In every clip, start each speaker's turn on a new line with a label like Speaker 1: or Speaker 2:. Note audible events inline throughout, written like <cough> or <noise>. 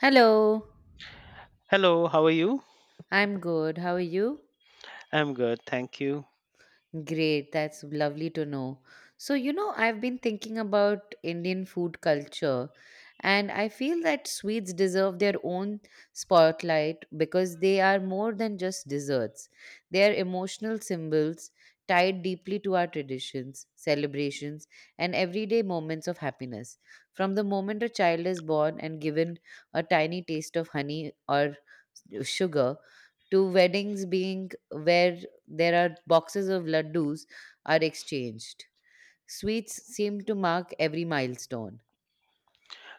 Speaker 1: Hello.
Speaker 2: Hello, how are you?
Speaker 1: I'm good. How are you?
Speaker 2: I'm good, thank you.
Speaker 1: Great. That's lovely to know. So, I've been thinking about Indian food culture, and I feel that sweets deserve their own spotlight because they are more than just desserts. They are emotional symbols tied deeply to our traditions, celebrations, and everyday moments of happiness. From the moment a child is born and given a tiny taste of honey or sugar to weddings being where there are boxes of laddus are exchanged. Sweets seem to mark every milestone.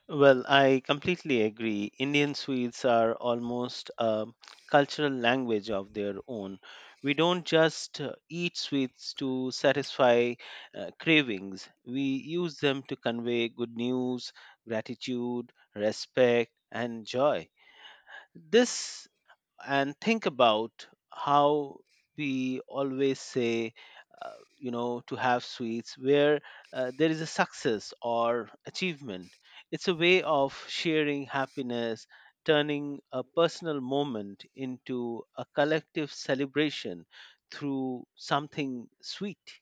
Speaker 2: Well, I completely agree. Indian sweets are almost a cultural language of their own. We don't just eat sweets to satisfy cravings, we use them to convey good news, gratitude, respect, and joy. This and think about how we always say uh, to have sweets where there is a success or achievement. It's a way of sharing happiness, turning a personal moment into a collective celebration through something sweet.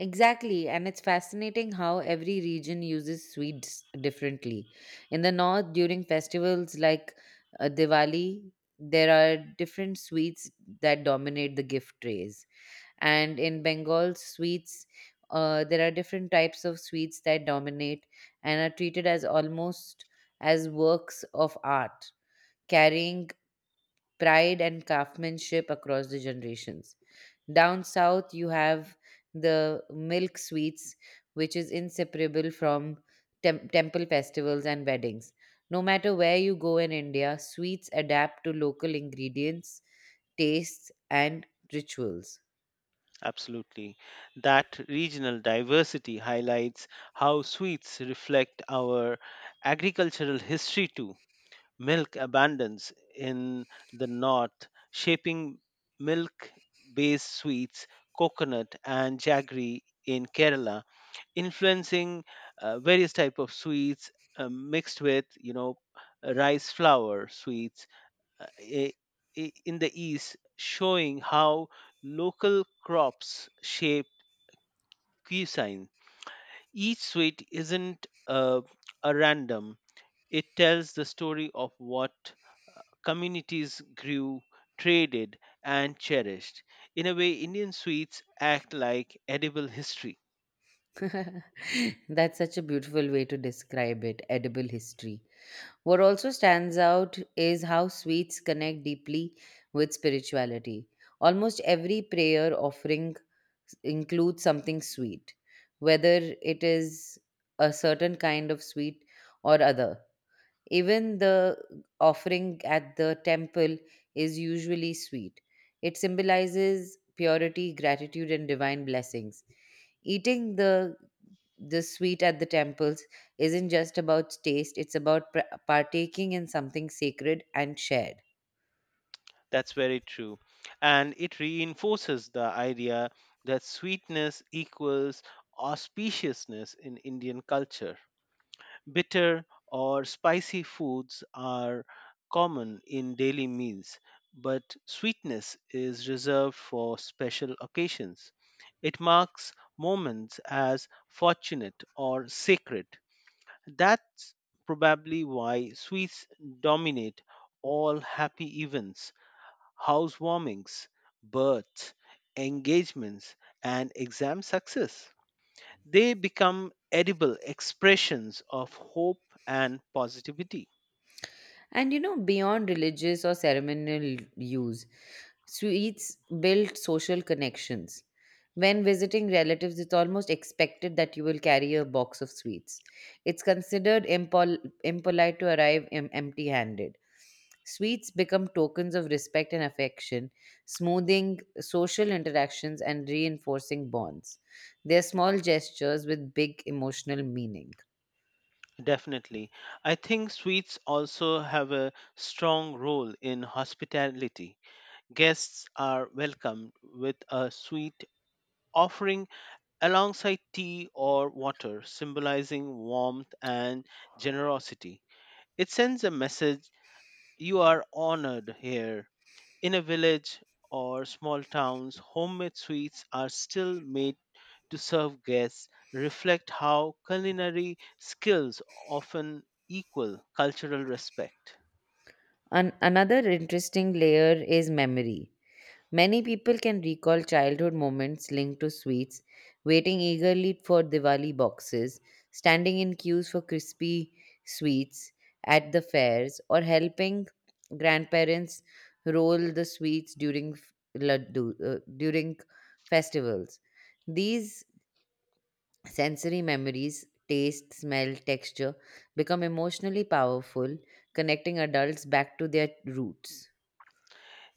Speaker 1: Exactly, and it's fascinating how every region uses sweets differently. In the north, during festivals like Diwali, there are different sweets that dominate the gift trays. And in Bengal sweets, there are different types of sweets that dominate and are treated as almost as works of art, carrying pride and craftsmanship across the generations. Down south you have the milk sweets, which is inseparable from temple festivals and weddings. No matter where you go in India, sweets adapt to local ingredients, tastes, and rituals.
Speaker 2: Absolutely, that regional diversity highlights how sweets reflect our agricultural history too. Milk abundance in the north, shaping milk based sweets, coconut, and jaggery in Kerala, influencing various type of sweets mixed with rice flour sweets, uh, i- in the east, showing how local crops shape cuisine. Each sweet isn't a random; it tells the story of what communities grew, traded, and cherished. In a way, Indian sweets act like edible history.
Speaker 1: <laughs> That's such a beautiful way to describe it, edible history. What also stands out is how sweets connect deeply with spirituality. Almost every prayer offering includes something sweet, whether it is a certain kind of sweet or other. Even the offering at the temple is usually sweet. It symbolizes purity, gratitude, and divine blessings. Eating the sweet at the temples isn't just about taste, it's about partaking in something sacred and shared.
Speaker 2: That's very true. And it reinforces the idea that sweetness equals auspiciousness in Indian culture. Bitter or spicy foods are common in daily meals, but sweetness is reserved for special occasions. It marks moments as fortunate or sacred. That's probably why sweets dominate all happy events, housewarmings, births, engagements, and exam success. They become edible expressions of hope and positivity.
Speaker 1: And beyond religious or ceremonial use, sweets build social connections. When visiting relatives, it's almost expected that you will carry a box of sweets. It's considered impolite to arrive empty handed. Sweets become tokens of respect and affection, smoothing social interactions and reinforcing bonds. They're small gestures with big emotional meaning.
Speaker 2: Definitely. I think sweets also have a strong role in hospitality. Guests are welcomed with a sweet offering alongside tea or water, symbolizing warmth and generosity. It sends a message: you are honored here. In a village or small towns, homemade sweets are still made to serve guests, reflect how culinary skills often equal cultural respect.
Speaker 1: Another interesting layer is memory. Many people can recall childhood moments linked to sweets, waiting eagerly for Diwali boxes, standing in queues for crispy sweets at the fairs, or helping grandparents roll the sweets during laddu, during festivals. These sensory memories, taste, smell, texture, become emotionally powerful, connecting adults back to their roots.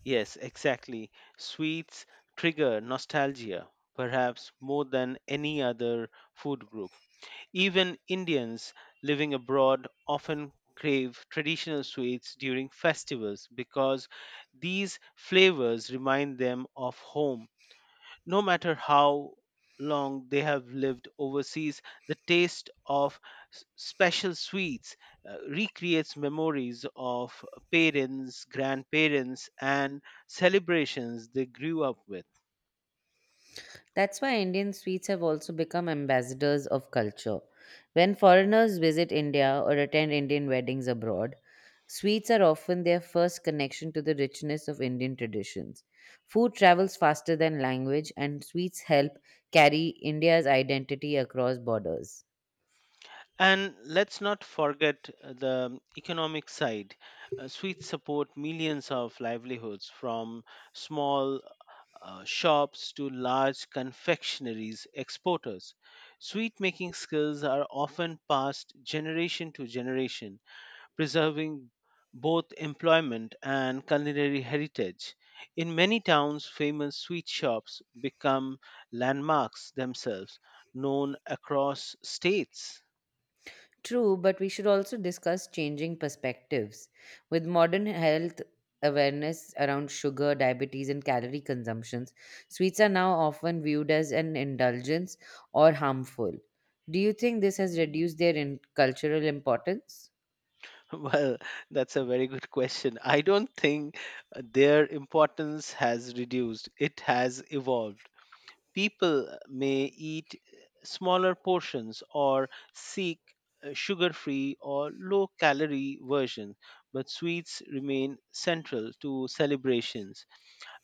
Speaker 2: Yes, exactly. Sweets trigger nostalgia, perhaps more than any other food group. Even Indians living abroad often crave traditional sweets during festivals because these flavors remind them of home. No matter how long they have lived overseas, the taste of special sweets recreates memories of parents, grandparents, and celebrations they grew up with.
Speaker 1: That's why Indian sweets have also become ambassadors of culture. When foreigners visit India or attend Indian weddings abroad, sweets are often their first connection to the richness of Indian traditions. Food travels faster than language, and sweets help carry India's identity across borders.
Speaker 2: And let's not forget the economic side. Sweets support millions of livelihoods, from small shops to large confectioneries exporters. Sweet making skills are often passed generation to generation, preserving both employment and culinary heritage. In many towns, famous sweet shops become landmarks themselves, known across states. <laughs>
Speaker 1: True, but we should also discuss changing perspectives. With modern health awareness around sugar, diabetes, and calorie consumptions, sweets are now often viewed as an indulgence or harmful. Do you think this has reduced their cultural importance?
Speaker 2: Well, that's a very good question. I don't think their importance has reduced, it has evolved. People may eat smaller portions or seek a sugar-free or low-calorie version, but sweets remain central to celebrations.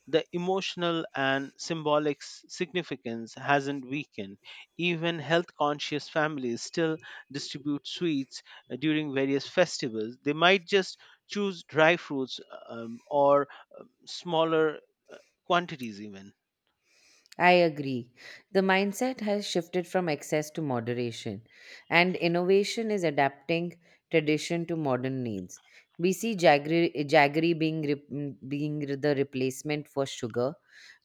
Speaker 2: The emotional and symbolic significance hasn't weakened. Even health-conscious families still distribute sweets during various festivals. They might just choose dry fruits, or smaller uh, quantities even.
Speaker 1: I agree. The mindset has shifted from excess to moderation, and innovation is adapting tradition to modern needs. We see jaggery being the replacement for sugar,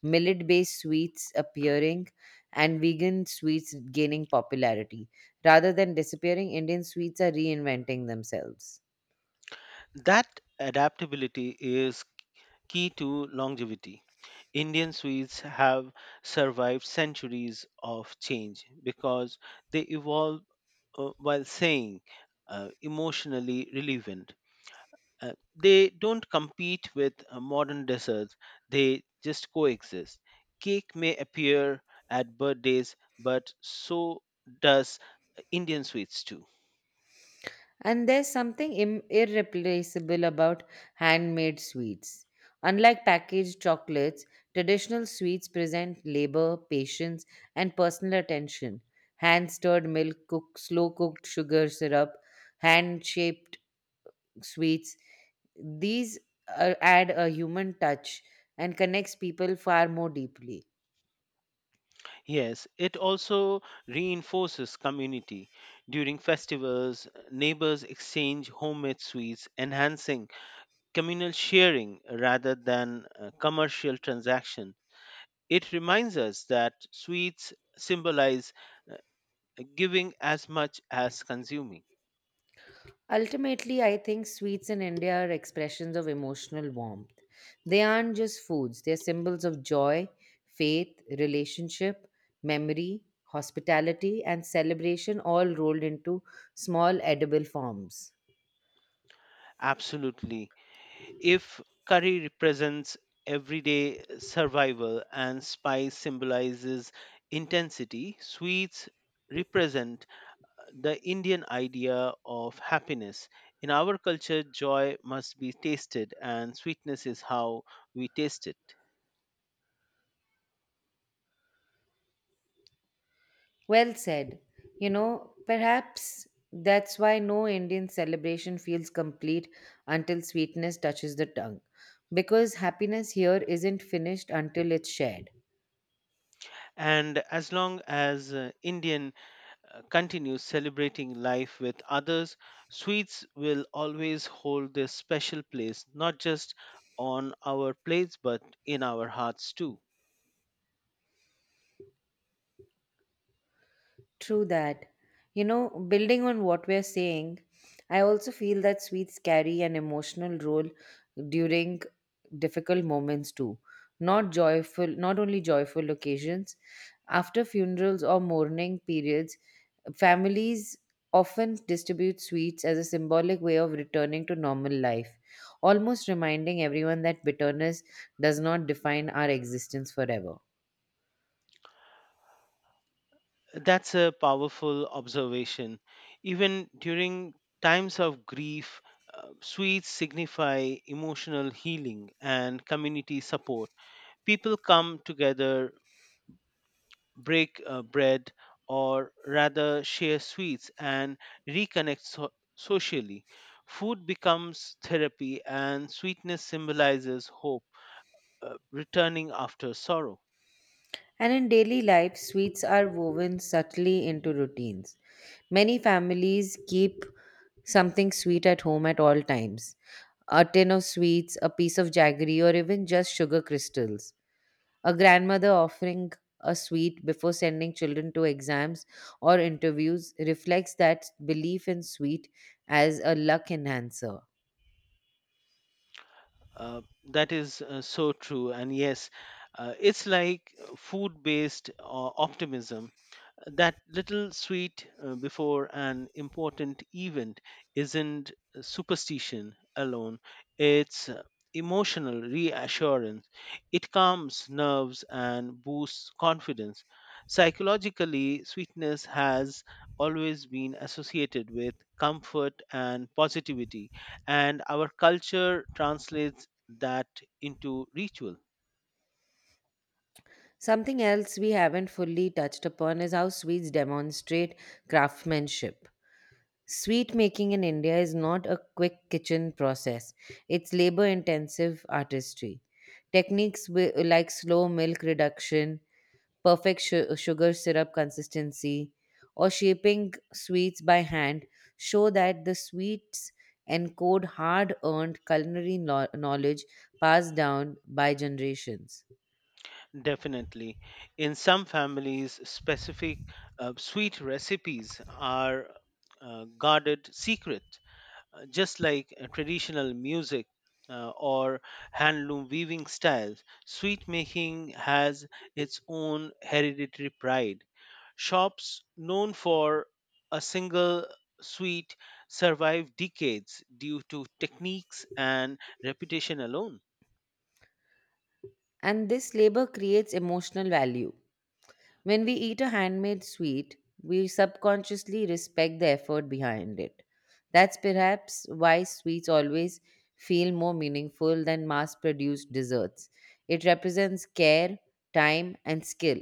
Speaker 1: millet based sweets appearing, and vegan sweets gaining popularity. Rather than disappearing, Indian sweets are reinventing themselves.
Speaker 2: That adaptability is key to longevity. Indian sweets have survived centuries of change because they evolve while staying emotionally relevant. They don't compete with modern desserts, they just coexist. Cake may appear at birthdays, but so does Indian sweets too.
Speaker 1: And there's something irreplaceable about handmade sweets. Unlike packaged chocolates, traditional sweets present labor, patience, and personal attention. Hand stirred milk, cooked, slow cooked sugar syrup, hand shaped sweets. These add a human touch and connects people far more deeply.
Speaker 2: Yes, it also reinforces community. During festivals, neighbors exchange homemade sweets, enhancing communal sharing rather than commercial transaction. It reminds us that sweets symbolize uh, giving as much as consuming.
Speaker 1: Ultimately, I think sweets in India are expressions of emotional warmth. They aren't just foods, they're symbols of joy, faith, relationship, memory, hospitality, and celebration, all rolled into small edible forms.
Speaker 2: Absolutely. If curry represents everyday survival and spice symbolizes intensity, sweets represent the Indian idea of happiness. In our culture, joy must be tasted, and sweetness is how we taste it.
Speaker 1: Well said. Perhaps that's why no Indian celebration feels complete until sweetness touches the tongue. Because happiness here isn't finished until it's shared.
Speaker 2: And as long as Indian continues celebrating life with others, sweets will always hold this special place, not just on our plates, but in our hearts too.
Speaker 1: True that. Building on what we're saying, I also feel that sweets carry an emotional role during difficult moments too. Not joyful, not only joyful occasions. After funerals or mourning periods, families often distribute sweets as a symbolic way of returning to normal life, almost reminding everyone that bitterness does not define our existence forever.
Speaker 2: That's a powerful observation. Even during times of grief, sweets signify emotional healing and community support. People come together, break bread, or rather share sweets and reconnect socially. Food becomes therapy, and sweetness symbolizes hope returning after sorrow.
Speaker 1: And in daily life, sweets are woven subtly into routines. Many families keep something sweet at home at all times: a tin of sweets, a piece of jaggery, or even just sugar crystals. A grandmother offering a sweet before sending children to exams or interviews reflects that belief in sweet as a luck enhancer.
Speaker 2: That is so true. And yes, it's like food based optimism. That little sweet before an important event isn't superstition alone. It's emotional reassurance. It calms nerves and boosts confidence. Psychologically, sweetness has always been associated with comfort and positivity, and our culture translates that into ritual.
Speaker 1: Something else we haven't fully touched upon is how sweets demonstrate craftsmanship. Sweet making in India is not a quick kitchen process, it's labor intensive artistry. Techniques like slow milk reduction, perfect sugar syrup consistency, or shaping sweets by hand show that the sweets encode hard earned culinary knowledge passed down by generations.
Speaker 2: Definitely. In some families, specific sweet recipes are guarded secret, just like traditional music or handloom weaving styles. Sweet making has its own hereditary pride. Shops known for a single sweet survive decades due to techniques and reputation alone.
Speaker 1: And this labor creates emotional value. When we eat a handmade sweet, we subconsciously respect the effort behind it. That's perhaps why sweets always feel more meaningful than mass produced desserts. It represents care, time, and skill.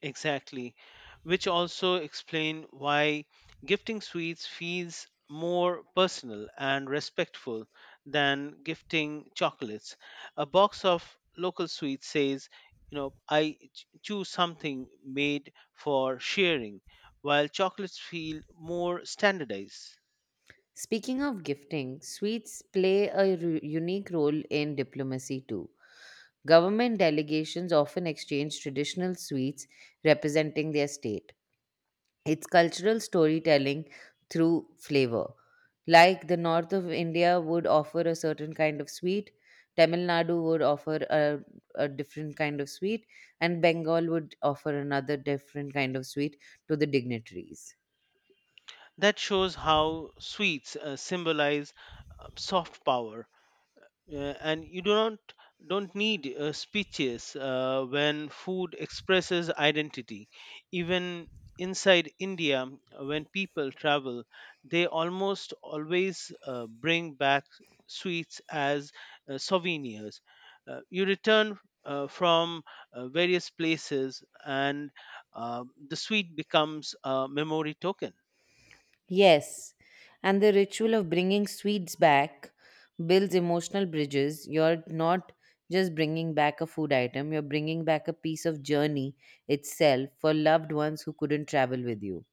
Speaker 2: Exactly, which also explain why gifting sweets feels more personal and respectful than gifting chocolates. A box of local sweets says, you know, I choose something made for sharing, while chocolates feel more standardized.
Speaker 1: Speaking of gifting, sweets play a unique role in diplomacy too. Government delegations often exchange traditional sweets representing their state. It's cultural storytelling through flavor. Like the north of India would offer a certain kind of sweet, Tamil Nadu would offer a different kind of sweet, and Bengal would offer another different kind of sweet to the dignitaries.
Speaker 2: That shows how sweets symbolize soft power, uh, and you do not don't need speeches when food expresses identity. Even inside india, when people travel, they almost always bring back sweets as souvenirs. You return from various places, and uh, the sweet becomes a memory token.
Speaker 1: Yes, and the ritual of bringing sweets back builds emotional bridges. You're not just bringing back a food item, you're bringing back a piece of journey itself for loved ones who couldn't travel with you.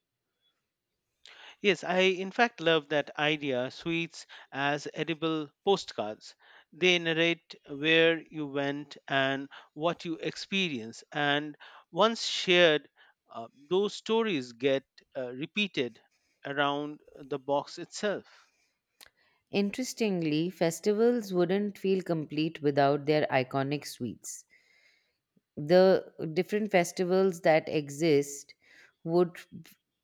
Speaker 2: Yes, I in fact love that idea, sweets as edible postcards. They narrate where you went and what you experienced, and once shared, those stories get repeated around the box itself.
Speaker 1: Interestingly, festivals wouldn't feel complete without their iconic sweets. The different festivals that exist would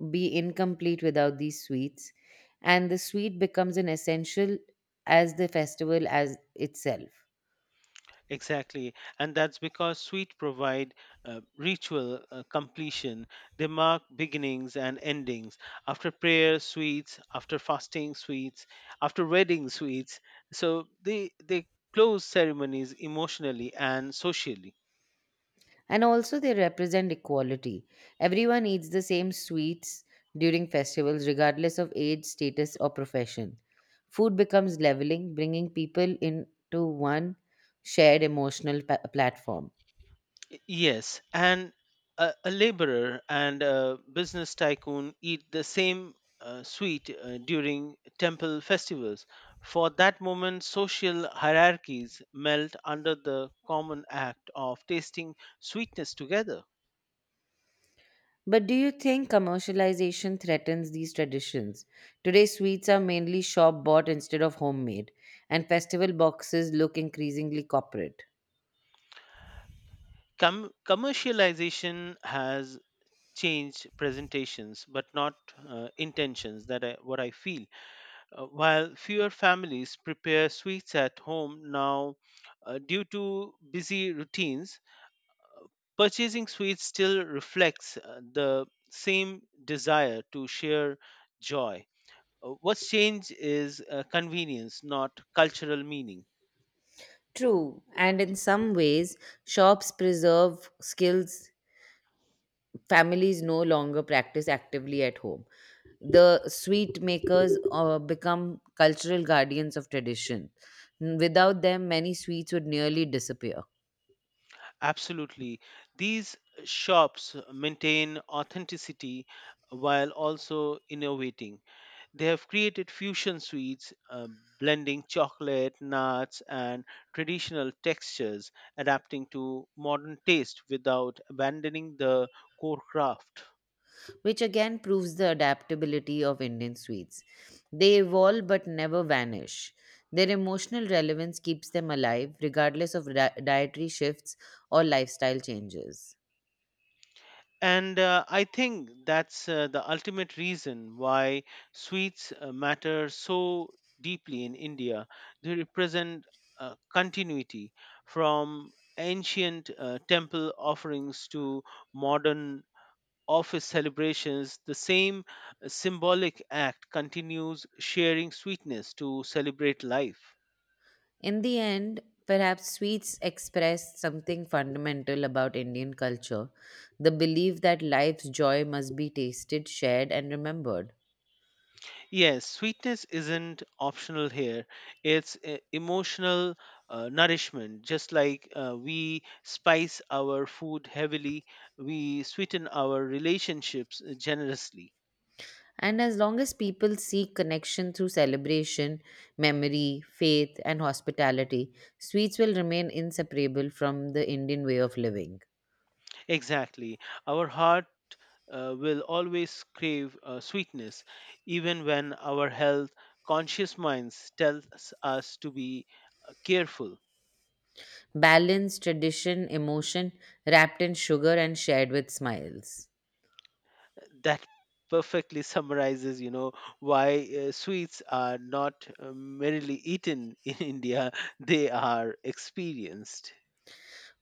Speaker 1: be incomplete without these sweets, and the sweet becomes an essential as the festival as itself.
Speaker 2: Exactly, and that's because sweet provide ritual completion. They mark beginnings and endings. After prayer, sweets. After fasting, sweets. After wedding, sweets. So they close ceremonies emotionally and socially.
Speaker 1: And also, they represent equality. Everyone eats the same sweets during festivals, regardless of age, status, or profession. Food becomes leveling, bringing people into one shared emotional platform.
Speaker 2: Yes, and a laborer and a business tycoon eat the same sweet during temple festivals. For that moment, social hierarchies melt under the common act of tasting sweetness together.
Speaker 1: But do you think commercialization threatens these traditions? Today, sweets are mainly shop bought instead of homemade, and festival boxes look increasingly corporate.
Speaker 2: Commercialization has changed presentations, but not intentions. That I, what I feel. While fewer families prepare sweets at home now due to busy routines, purchasing sweets still reflects the same desire to share joy. What's changed is convenience, not cultural meaning.
Speaker 1: True, and in some ways, shops preserve skills families no longer practice actively at home. The sweet makers become cultural guardians of tradition. Without them, many sweets would nearly disappear,
Speaker 2: Absolutely. These shops maintain authenticity while also innovating. They have created fusion sweets, blending chocolate, nuts, and traditional textures, adapting to modern taste without abandoning the core craft.
Speaker 1: which again proves the adaptability of Indian sweets. They evolve but never vanish. Their emotional relevance keeps them alive, regardless of dietary shifts or lifestyle changes.
Speaker 2: And I think that's the ultimate reason why sweets matter so deeply in India. They represent continuity from ancient temple offerings to modern office celebrations. The same symbolic act continues, sharing sweetness to celebrate life.
Speaker 1: In the end, perhaps sweets express something fundamental about Indian culture: the belief that life's joy must be tasted, shared, and remembered.
Speaker 2: Yes, sweetness isn't optional here, it's emotional nourishment. Just like we spice our food heavily, we sweeten our relationships generously.
Speaker 1: And as long as people seek connection through celebration, memory, faith, and hospitality, sweets will remain inseparable from the Indian way of living.
Speaker 2: Exactly. Our heart will always crave sweetness, even when our health conscious minds tells us to be careful.
Speaker 1: Balance, tradition, emotion, wrapped in sugar and shared with smiles.
Speaker 2: That perfectly <laughs> summarizes, you know, why sweets are not merely eaten in <laughs> India; they are experienced.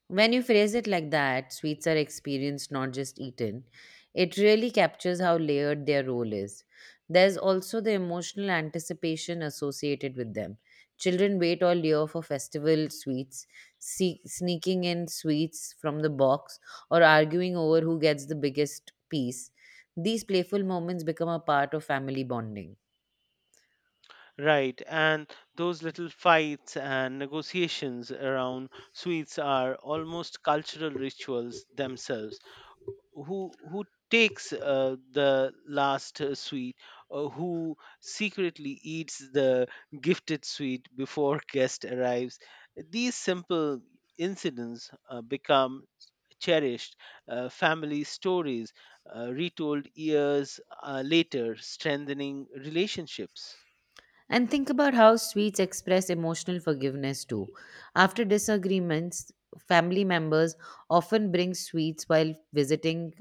Speaker 1: When you phrase it like that, sweets are experienced, not just eaten. It really captures how layered their role is. There's also the emotional anticipation associated with them. Children wait all year for festival sweets, sneaking in sweets from the box, or arguing over who gets the biggest piece. These playful moments become a part of family bonding.
Speaker 2: Right, and those little fights and negotiations around sweets are almost cultural rituals themselves. Who takes the last sweet, or who secretly eats the gifted sweet before <laughs> guest arrives? These simple incidents become cherished family stories retold years later, strengthening relationships.
Speaker 1: And think about how sweets express emotional forgiveness too. After disagreements, family members often bring sweets while visiting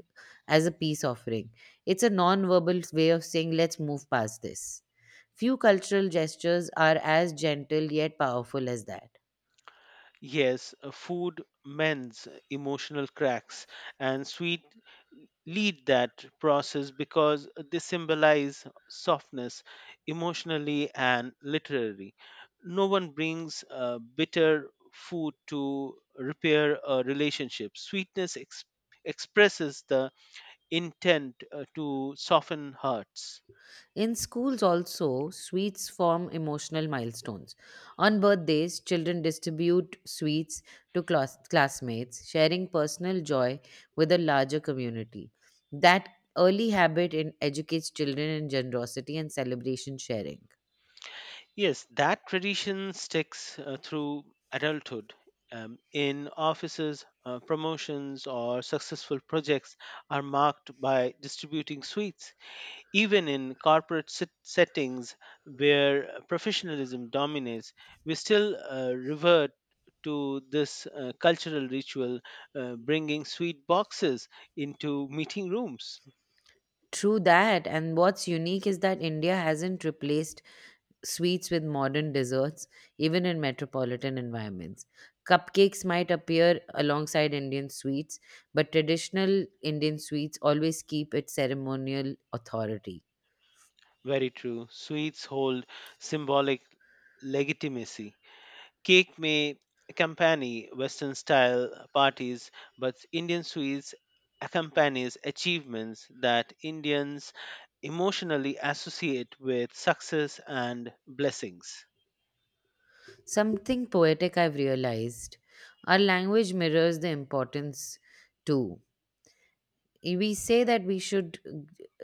Speaker 1: as a peace offering. It's a non-verbal way of saying, let's move past this. Few cultural gestures are as gentle yet powerful as that.
Speaker 2: Yes, food mends emotional cracks, and sweet lead that process because they symbolize softness emotionally and literally. No one brings bitter food to repair a relationship. Sweetness expresses the intent to soften hearts.
Speaker 1: In schools, also, sweets form emotional milestones. On birthdays, children distribute sweets to classmates, sharing personal joy with a larger community. That early habit in educates children in generosity and celebration sharing.
Speaker 2: Yes, that tradition sticks through adulthood. In offices, promotions or successful projects are marked by distributing sweets. Even in corporate settings where professionalism dominates, we still revert to this cultural ritual, bringing sweet boxes into meeting rooms.
Speaker 1: True that, and what's unique is that India hasn't replaced sweets with modern desserts, even in metropolitan environments. Cupcakes might appear alongside Indian sweets, but traditional Indian sweets always keep its ceremonial authority.
Speaker 2: Very true. Sweets hold symbolic legitimacy. Cake may accompany Western style parties, but Indian sweets accompanies achievements that Indians emotionally associate with success and blessings.
Speaker 1: Something poetic I've realized: our language mirrors the importance too. We say that we should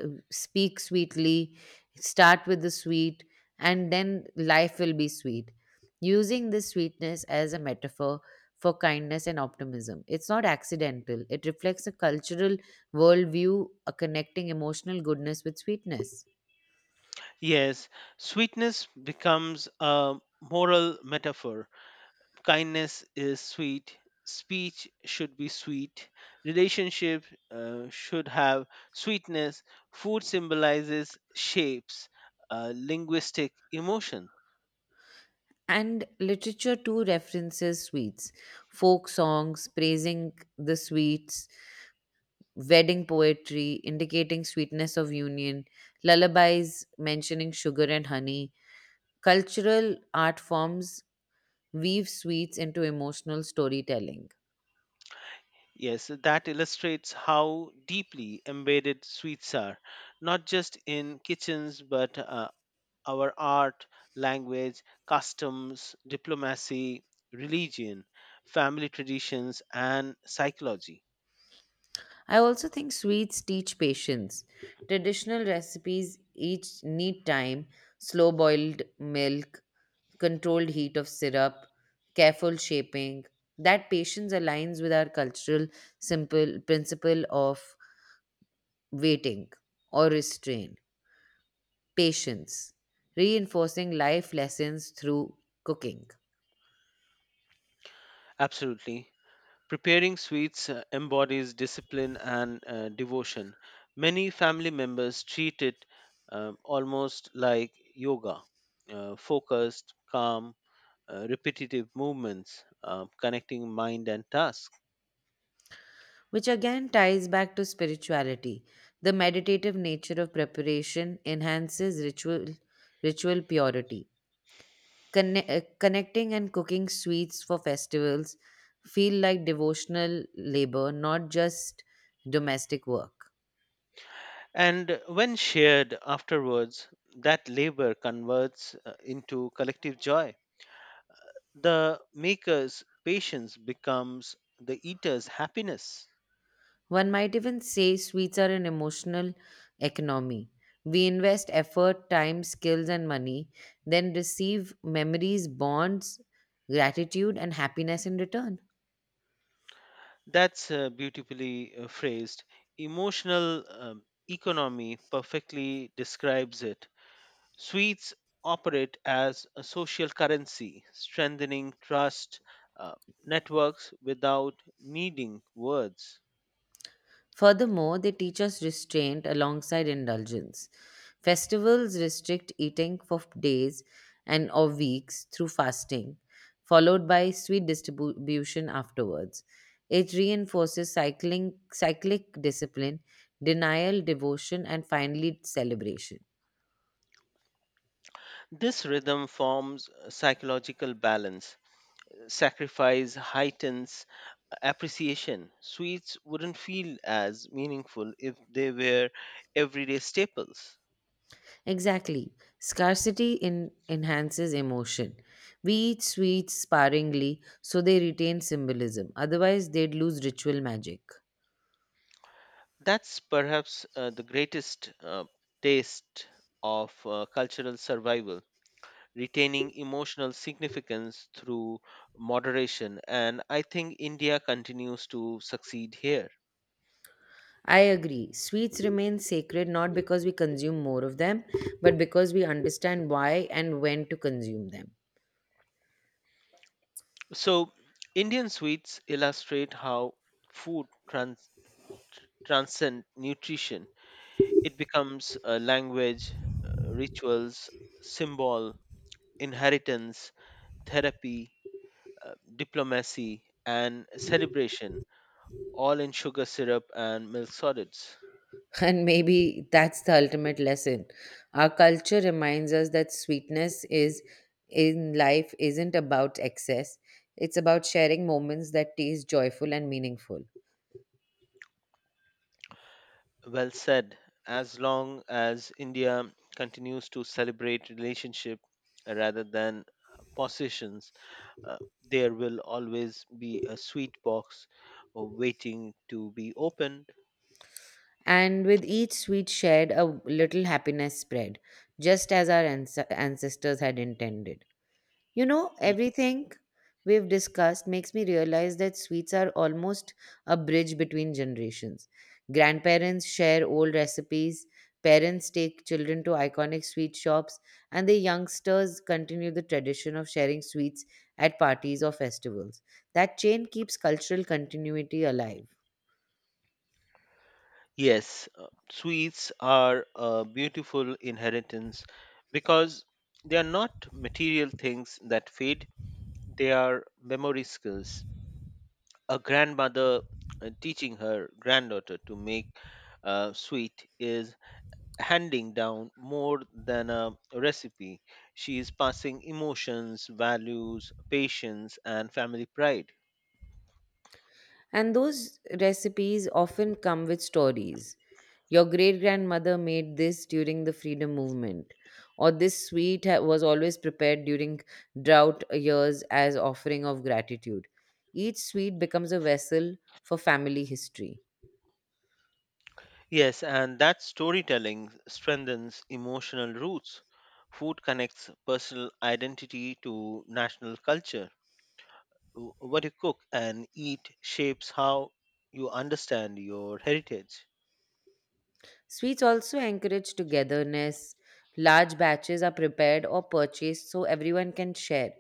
Speaker 1: speak sweetly, start with the sweet, and then life will be sweet. Using this sweetness as a metaphor for kindness and optimism. It's not accidental, it reflects a cultural worldview connecting emotional goodness with sweetness.
Speaker 2: Yes, sweetness becomes a moral metaphor. Kindness is sweet. Speech should be sweet. Relationship should have sweetness. Food symbolizes shapes, linguistic emotions.
Speaker 1: And literature too references sweets, folk songs praising the sweets, wedding poetry indicating sweetness of union, lullabies mentioning sugar and honey. Cultural art forms weave sweets into emotional storytelling.
Speaker 2: Yes, that illustrates how deeply embedded sweets are, not just in kitchens, but our art, language, customs, diplomacy, religion, family traditions, and psychology.
Speaker 1: I also think sweets teach patience. Traditional recipes each need time, slow boiled milk, controlled heat of syrup, careful shaping. That patience aligns with our cultural simple principle of waiting or restraint. Patience, reinforcing life lessons through cooking,
Speaker 2: Absolutely. Preparing sweets embodies discipline and devotion. Many family members treat it almost like yoga, focused, calm, repetitive movements, connecting mind and task.
Speaker 1: which again ties back to spirituality. The meditative nature of preparation enhances ritual purity. Connecting and cooking sweets for festivals feel like devotional labor, not just domestic work.
Speaker 2: And when shared afterwards, that labor converts into collective joy. The maker's patience becomes the eater's happiness.
Speaker 1: One might even say sweets are an emotional economy. We invest effort, time, skills, and money, then receive memories, bonds, gratitude, and happiness in return.
Speaker 2: That's beautifully phrased. Emotional economy perfectly describes it. Sweets operate as a social currency, strengthening trust uh, networks without needing words.
Speaker 1: Furthermore, they teach us restraint alongside indulgence. Festivals restrict eating for days and or weeks through fasting, followed by sweet distribution afterwards. It reinforces cyclic discipline, denial, devotion, and finally celebration.
Speaker 2: This rhythm forms a psychological balance. Sacrifice heightens appreciation. Sweets wouldn't feel as meaningful if they were everyday staples.
Speaker 1: Exactly. Scarcity enhances emotion. We eat sweets sparingly so they retain symbolism, otherwise, they'd lose ritual magic.
Speaker 2: That's perhaps the greatest taste of cultural survival, retaining emotional significance through moderation. And I think India continues to succeed here.
Speaker 1: I agree. Sweets remain sacred not because we consume more of them, but because we understand why and when to consume them.
Speaker 2: So, Indian sweets illustrate how food trans- transcend nutrition. It becomes a language, rituals, symbol, inheritance, therapy, diplomacy, and celebration, all in sugar syrup and milk solids.
Speaker 1: <laughs> And maybe that's the ultimate lesson. Our culture reminds us that sweetness is in life isn't about excess. It's about sharing moments that taste joyful and meaningful.
Speaker 2: Well said. As long as India continues to celebrate relationship rather than possessions, uh, there will always be a sweet box waiting to be opened.
Speaker 1: And with each sweet shared, a little happiness spread, just as our ancestors had intended. You know,
Speaker 2: Mm.
Speaker 1: everything we've discussed makes me realize that sweets are almost a bridge between generations. Grandparents share old recipes, parents take children to iconic sweet shops, and the youngsters continue the tradition of sharing sweets at parties or festivals. That chain keeps cultural continuity alive.
Speaker 2: Yes, sweets are a beautiful inheritance because they are not material things that fade, they are memory skills. A grandmother teaching her granddaughter to make sweet is handing down more than a recipe. She is passing emotions, values, patience, and family pride.
Speaker 1: And those recipes often come with stories: your great grandmother made this during the freedom movement, or this sweet was always prepared during drought years as offering of gratitude. Each sweet becomes a vessel for family history.
Speaker 2: Yes, and that storytelling strengthens emotional roots. Food connects personal identity to national culture. What you cook and eat shapes how you understand your heritage.
Speaker 1: Sweets also encourage togetherness. Large batches are prepared or purchased so everyone can share.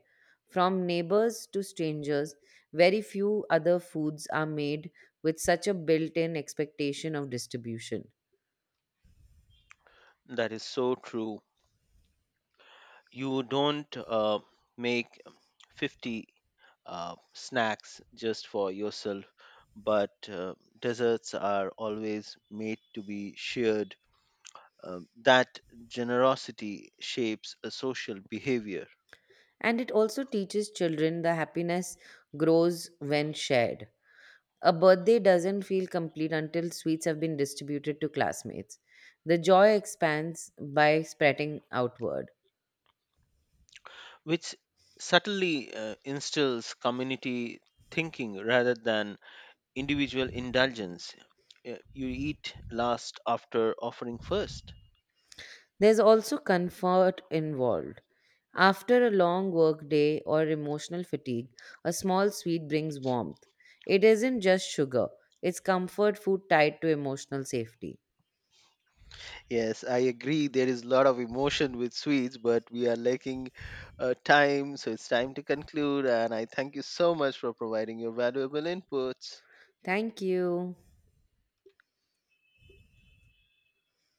Speaker 1: From neighbors to strangers, very few other foods are made with such a built in expectation of distribution.
Speaker 2: That is so true. You don't make 50 snacks just for yourself, but desserts are always made to be shared. That generosity shapes a social behavior,
Speaker 1: And it also teaches children the happiness grows when shared. A birthday doesn't feel complete until sweets have been distributed to classmates. The joy expands by spreading outward.
Speaker 2: which subtly instills community thinking rather than individual indulgence. You eat last after offering first.
Speaker 1: There's also comfort involved. After a long work day or emotional fatigue, a small sweet brings warmth. It isn't just sugar, it's comfort food tied to emotional safety.
Speaker 2: Yes, I agree. There is a lot of emotion with sweets, but we are lacking time, so it's time to conclude. And I thank you so much for providing your valuable inputs.
Speaker 1: Thank you.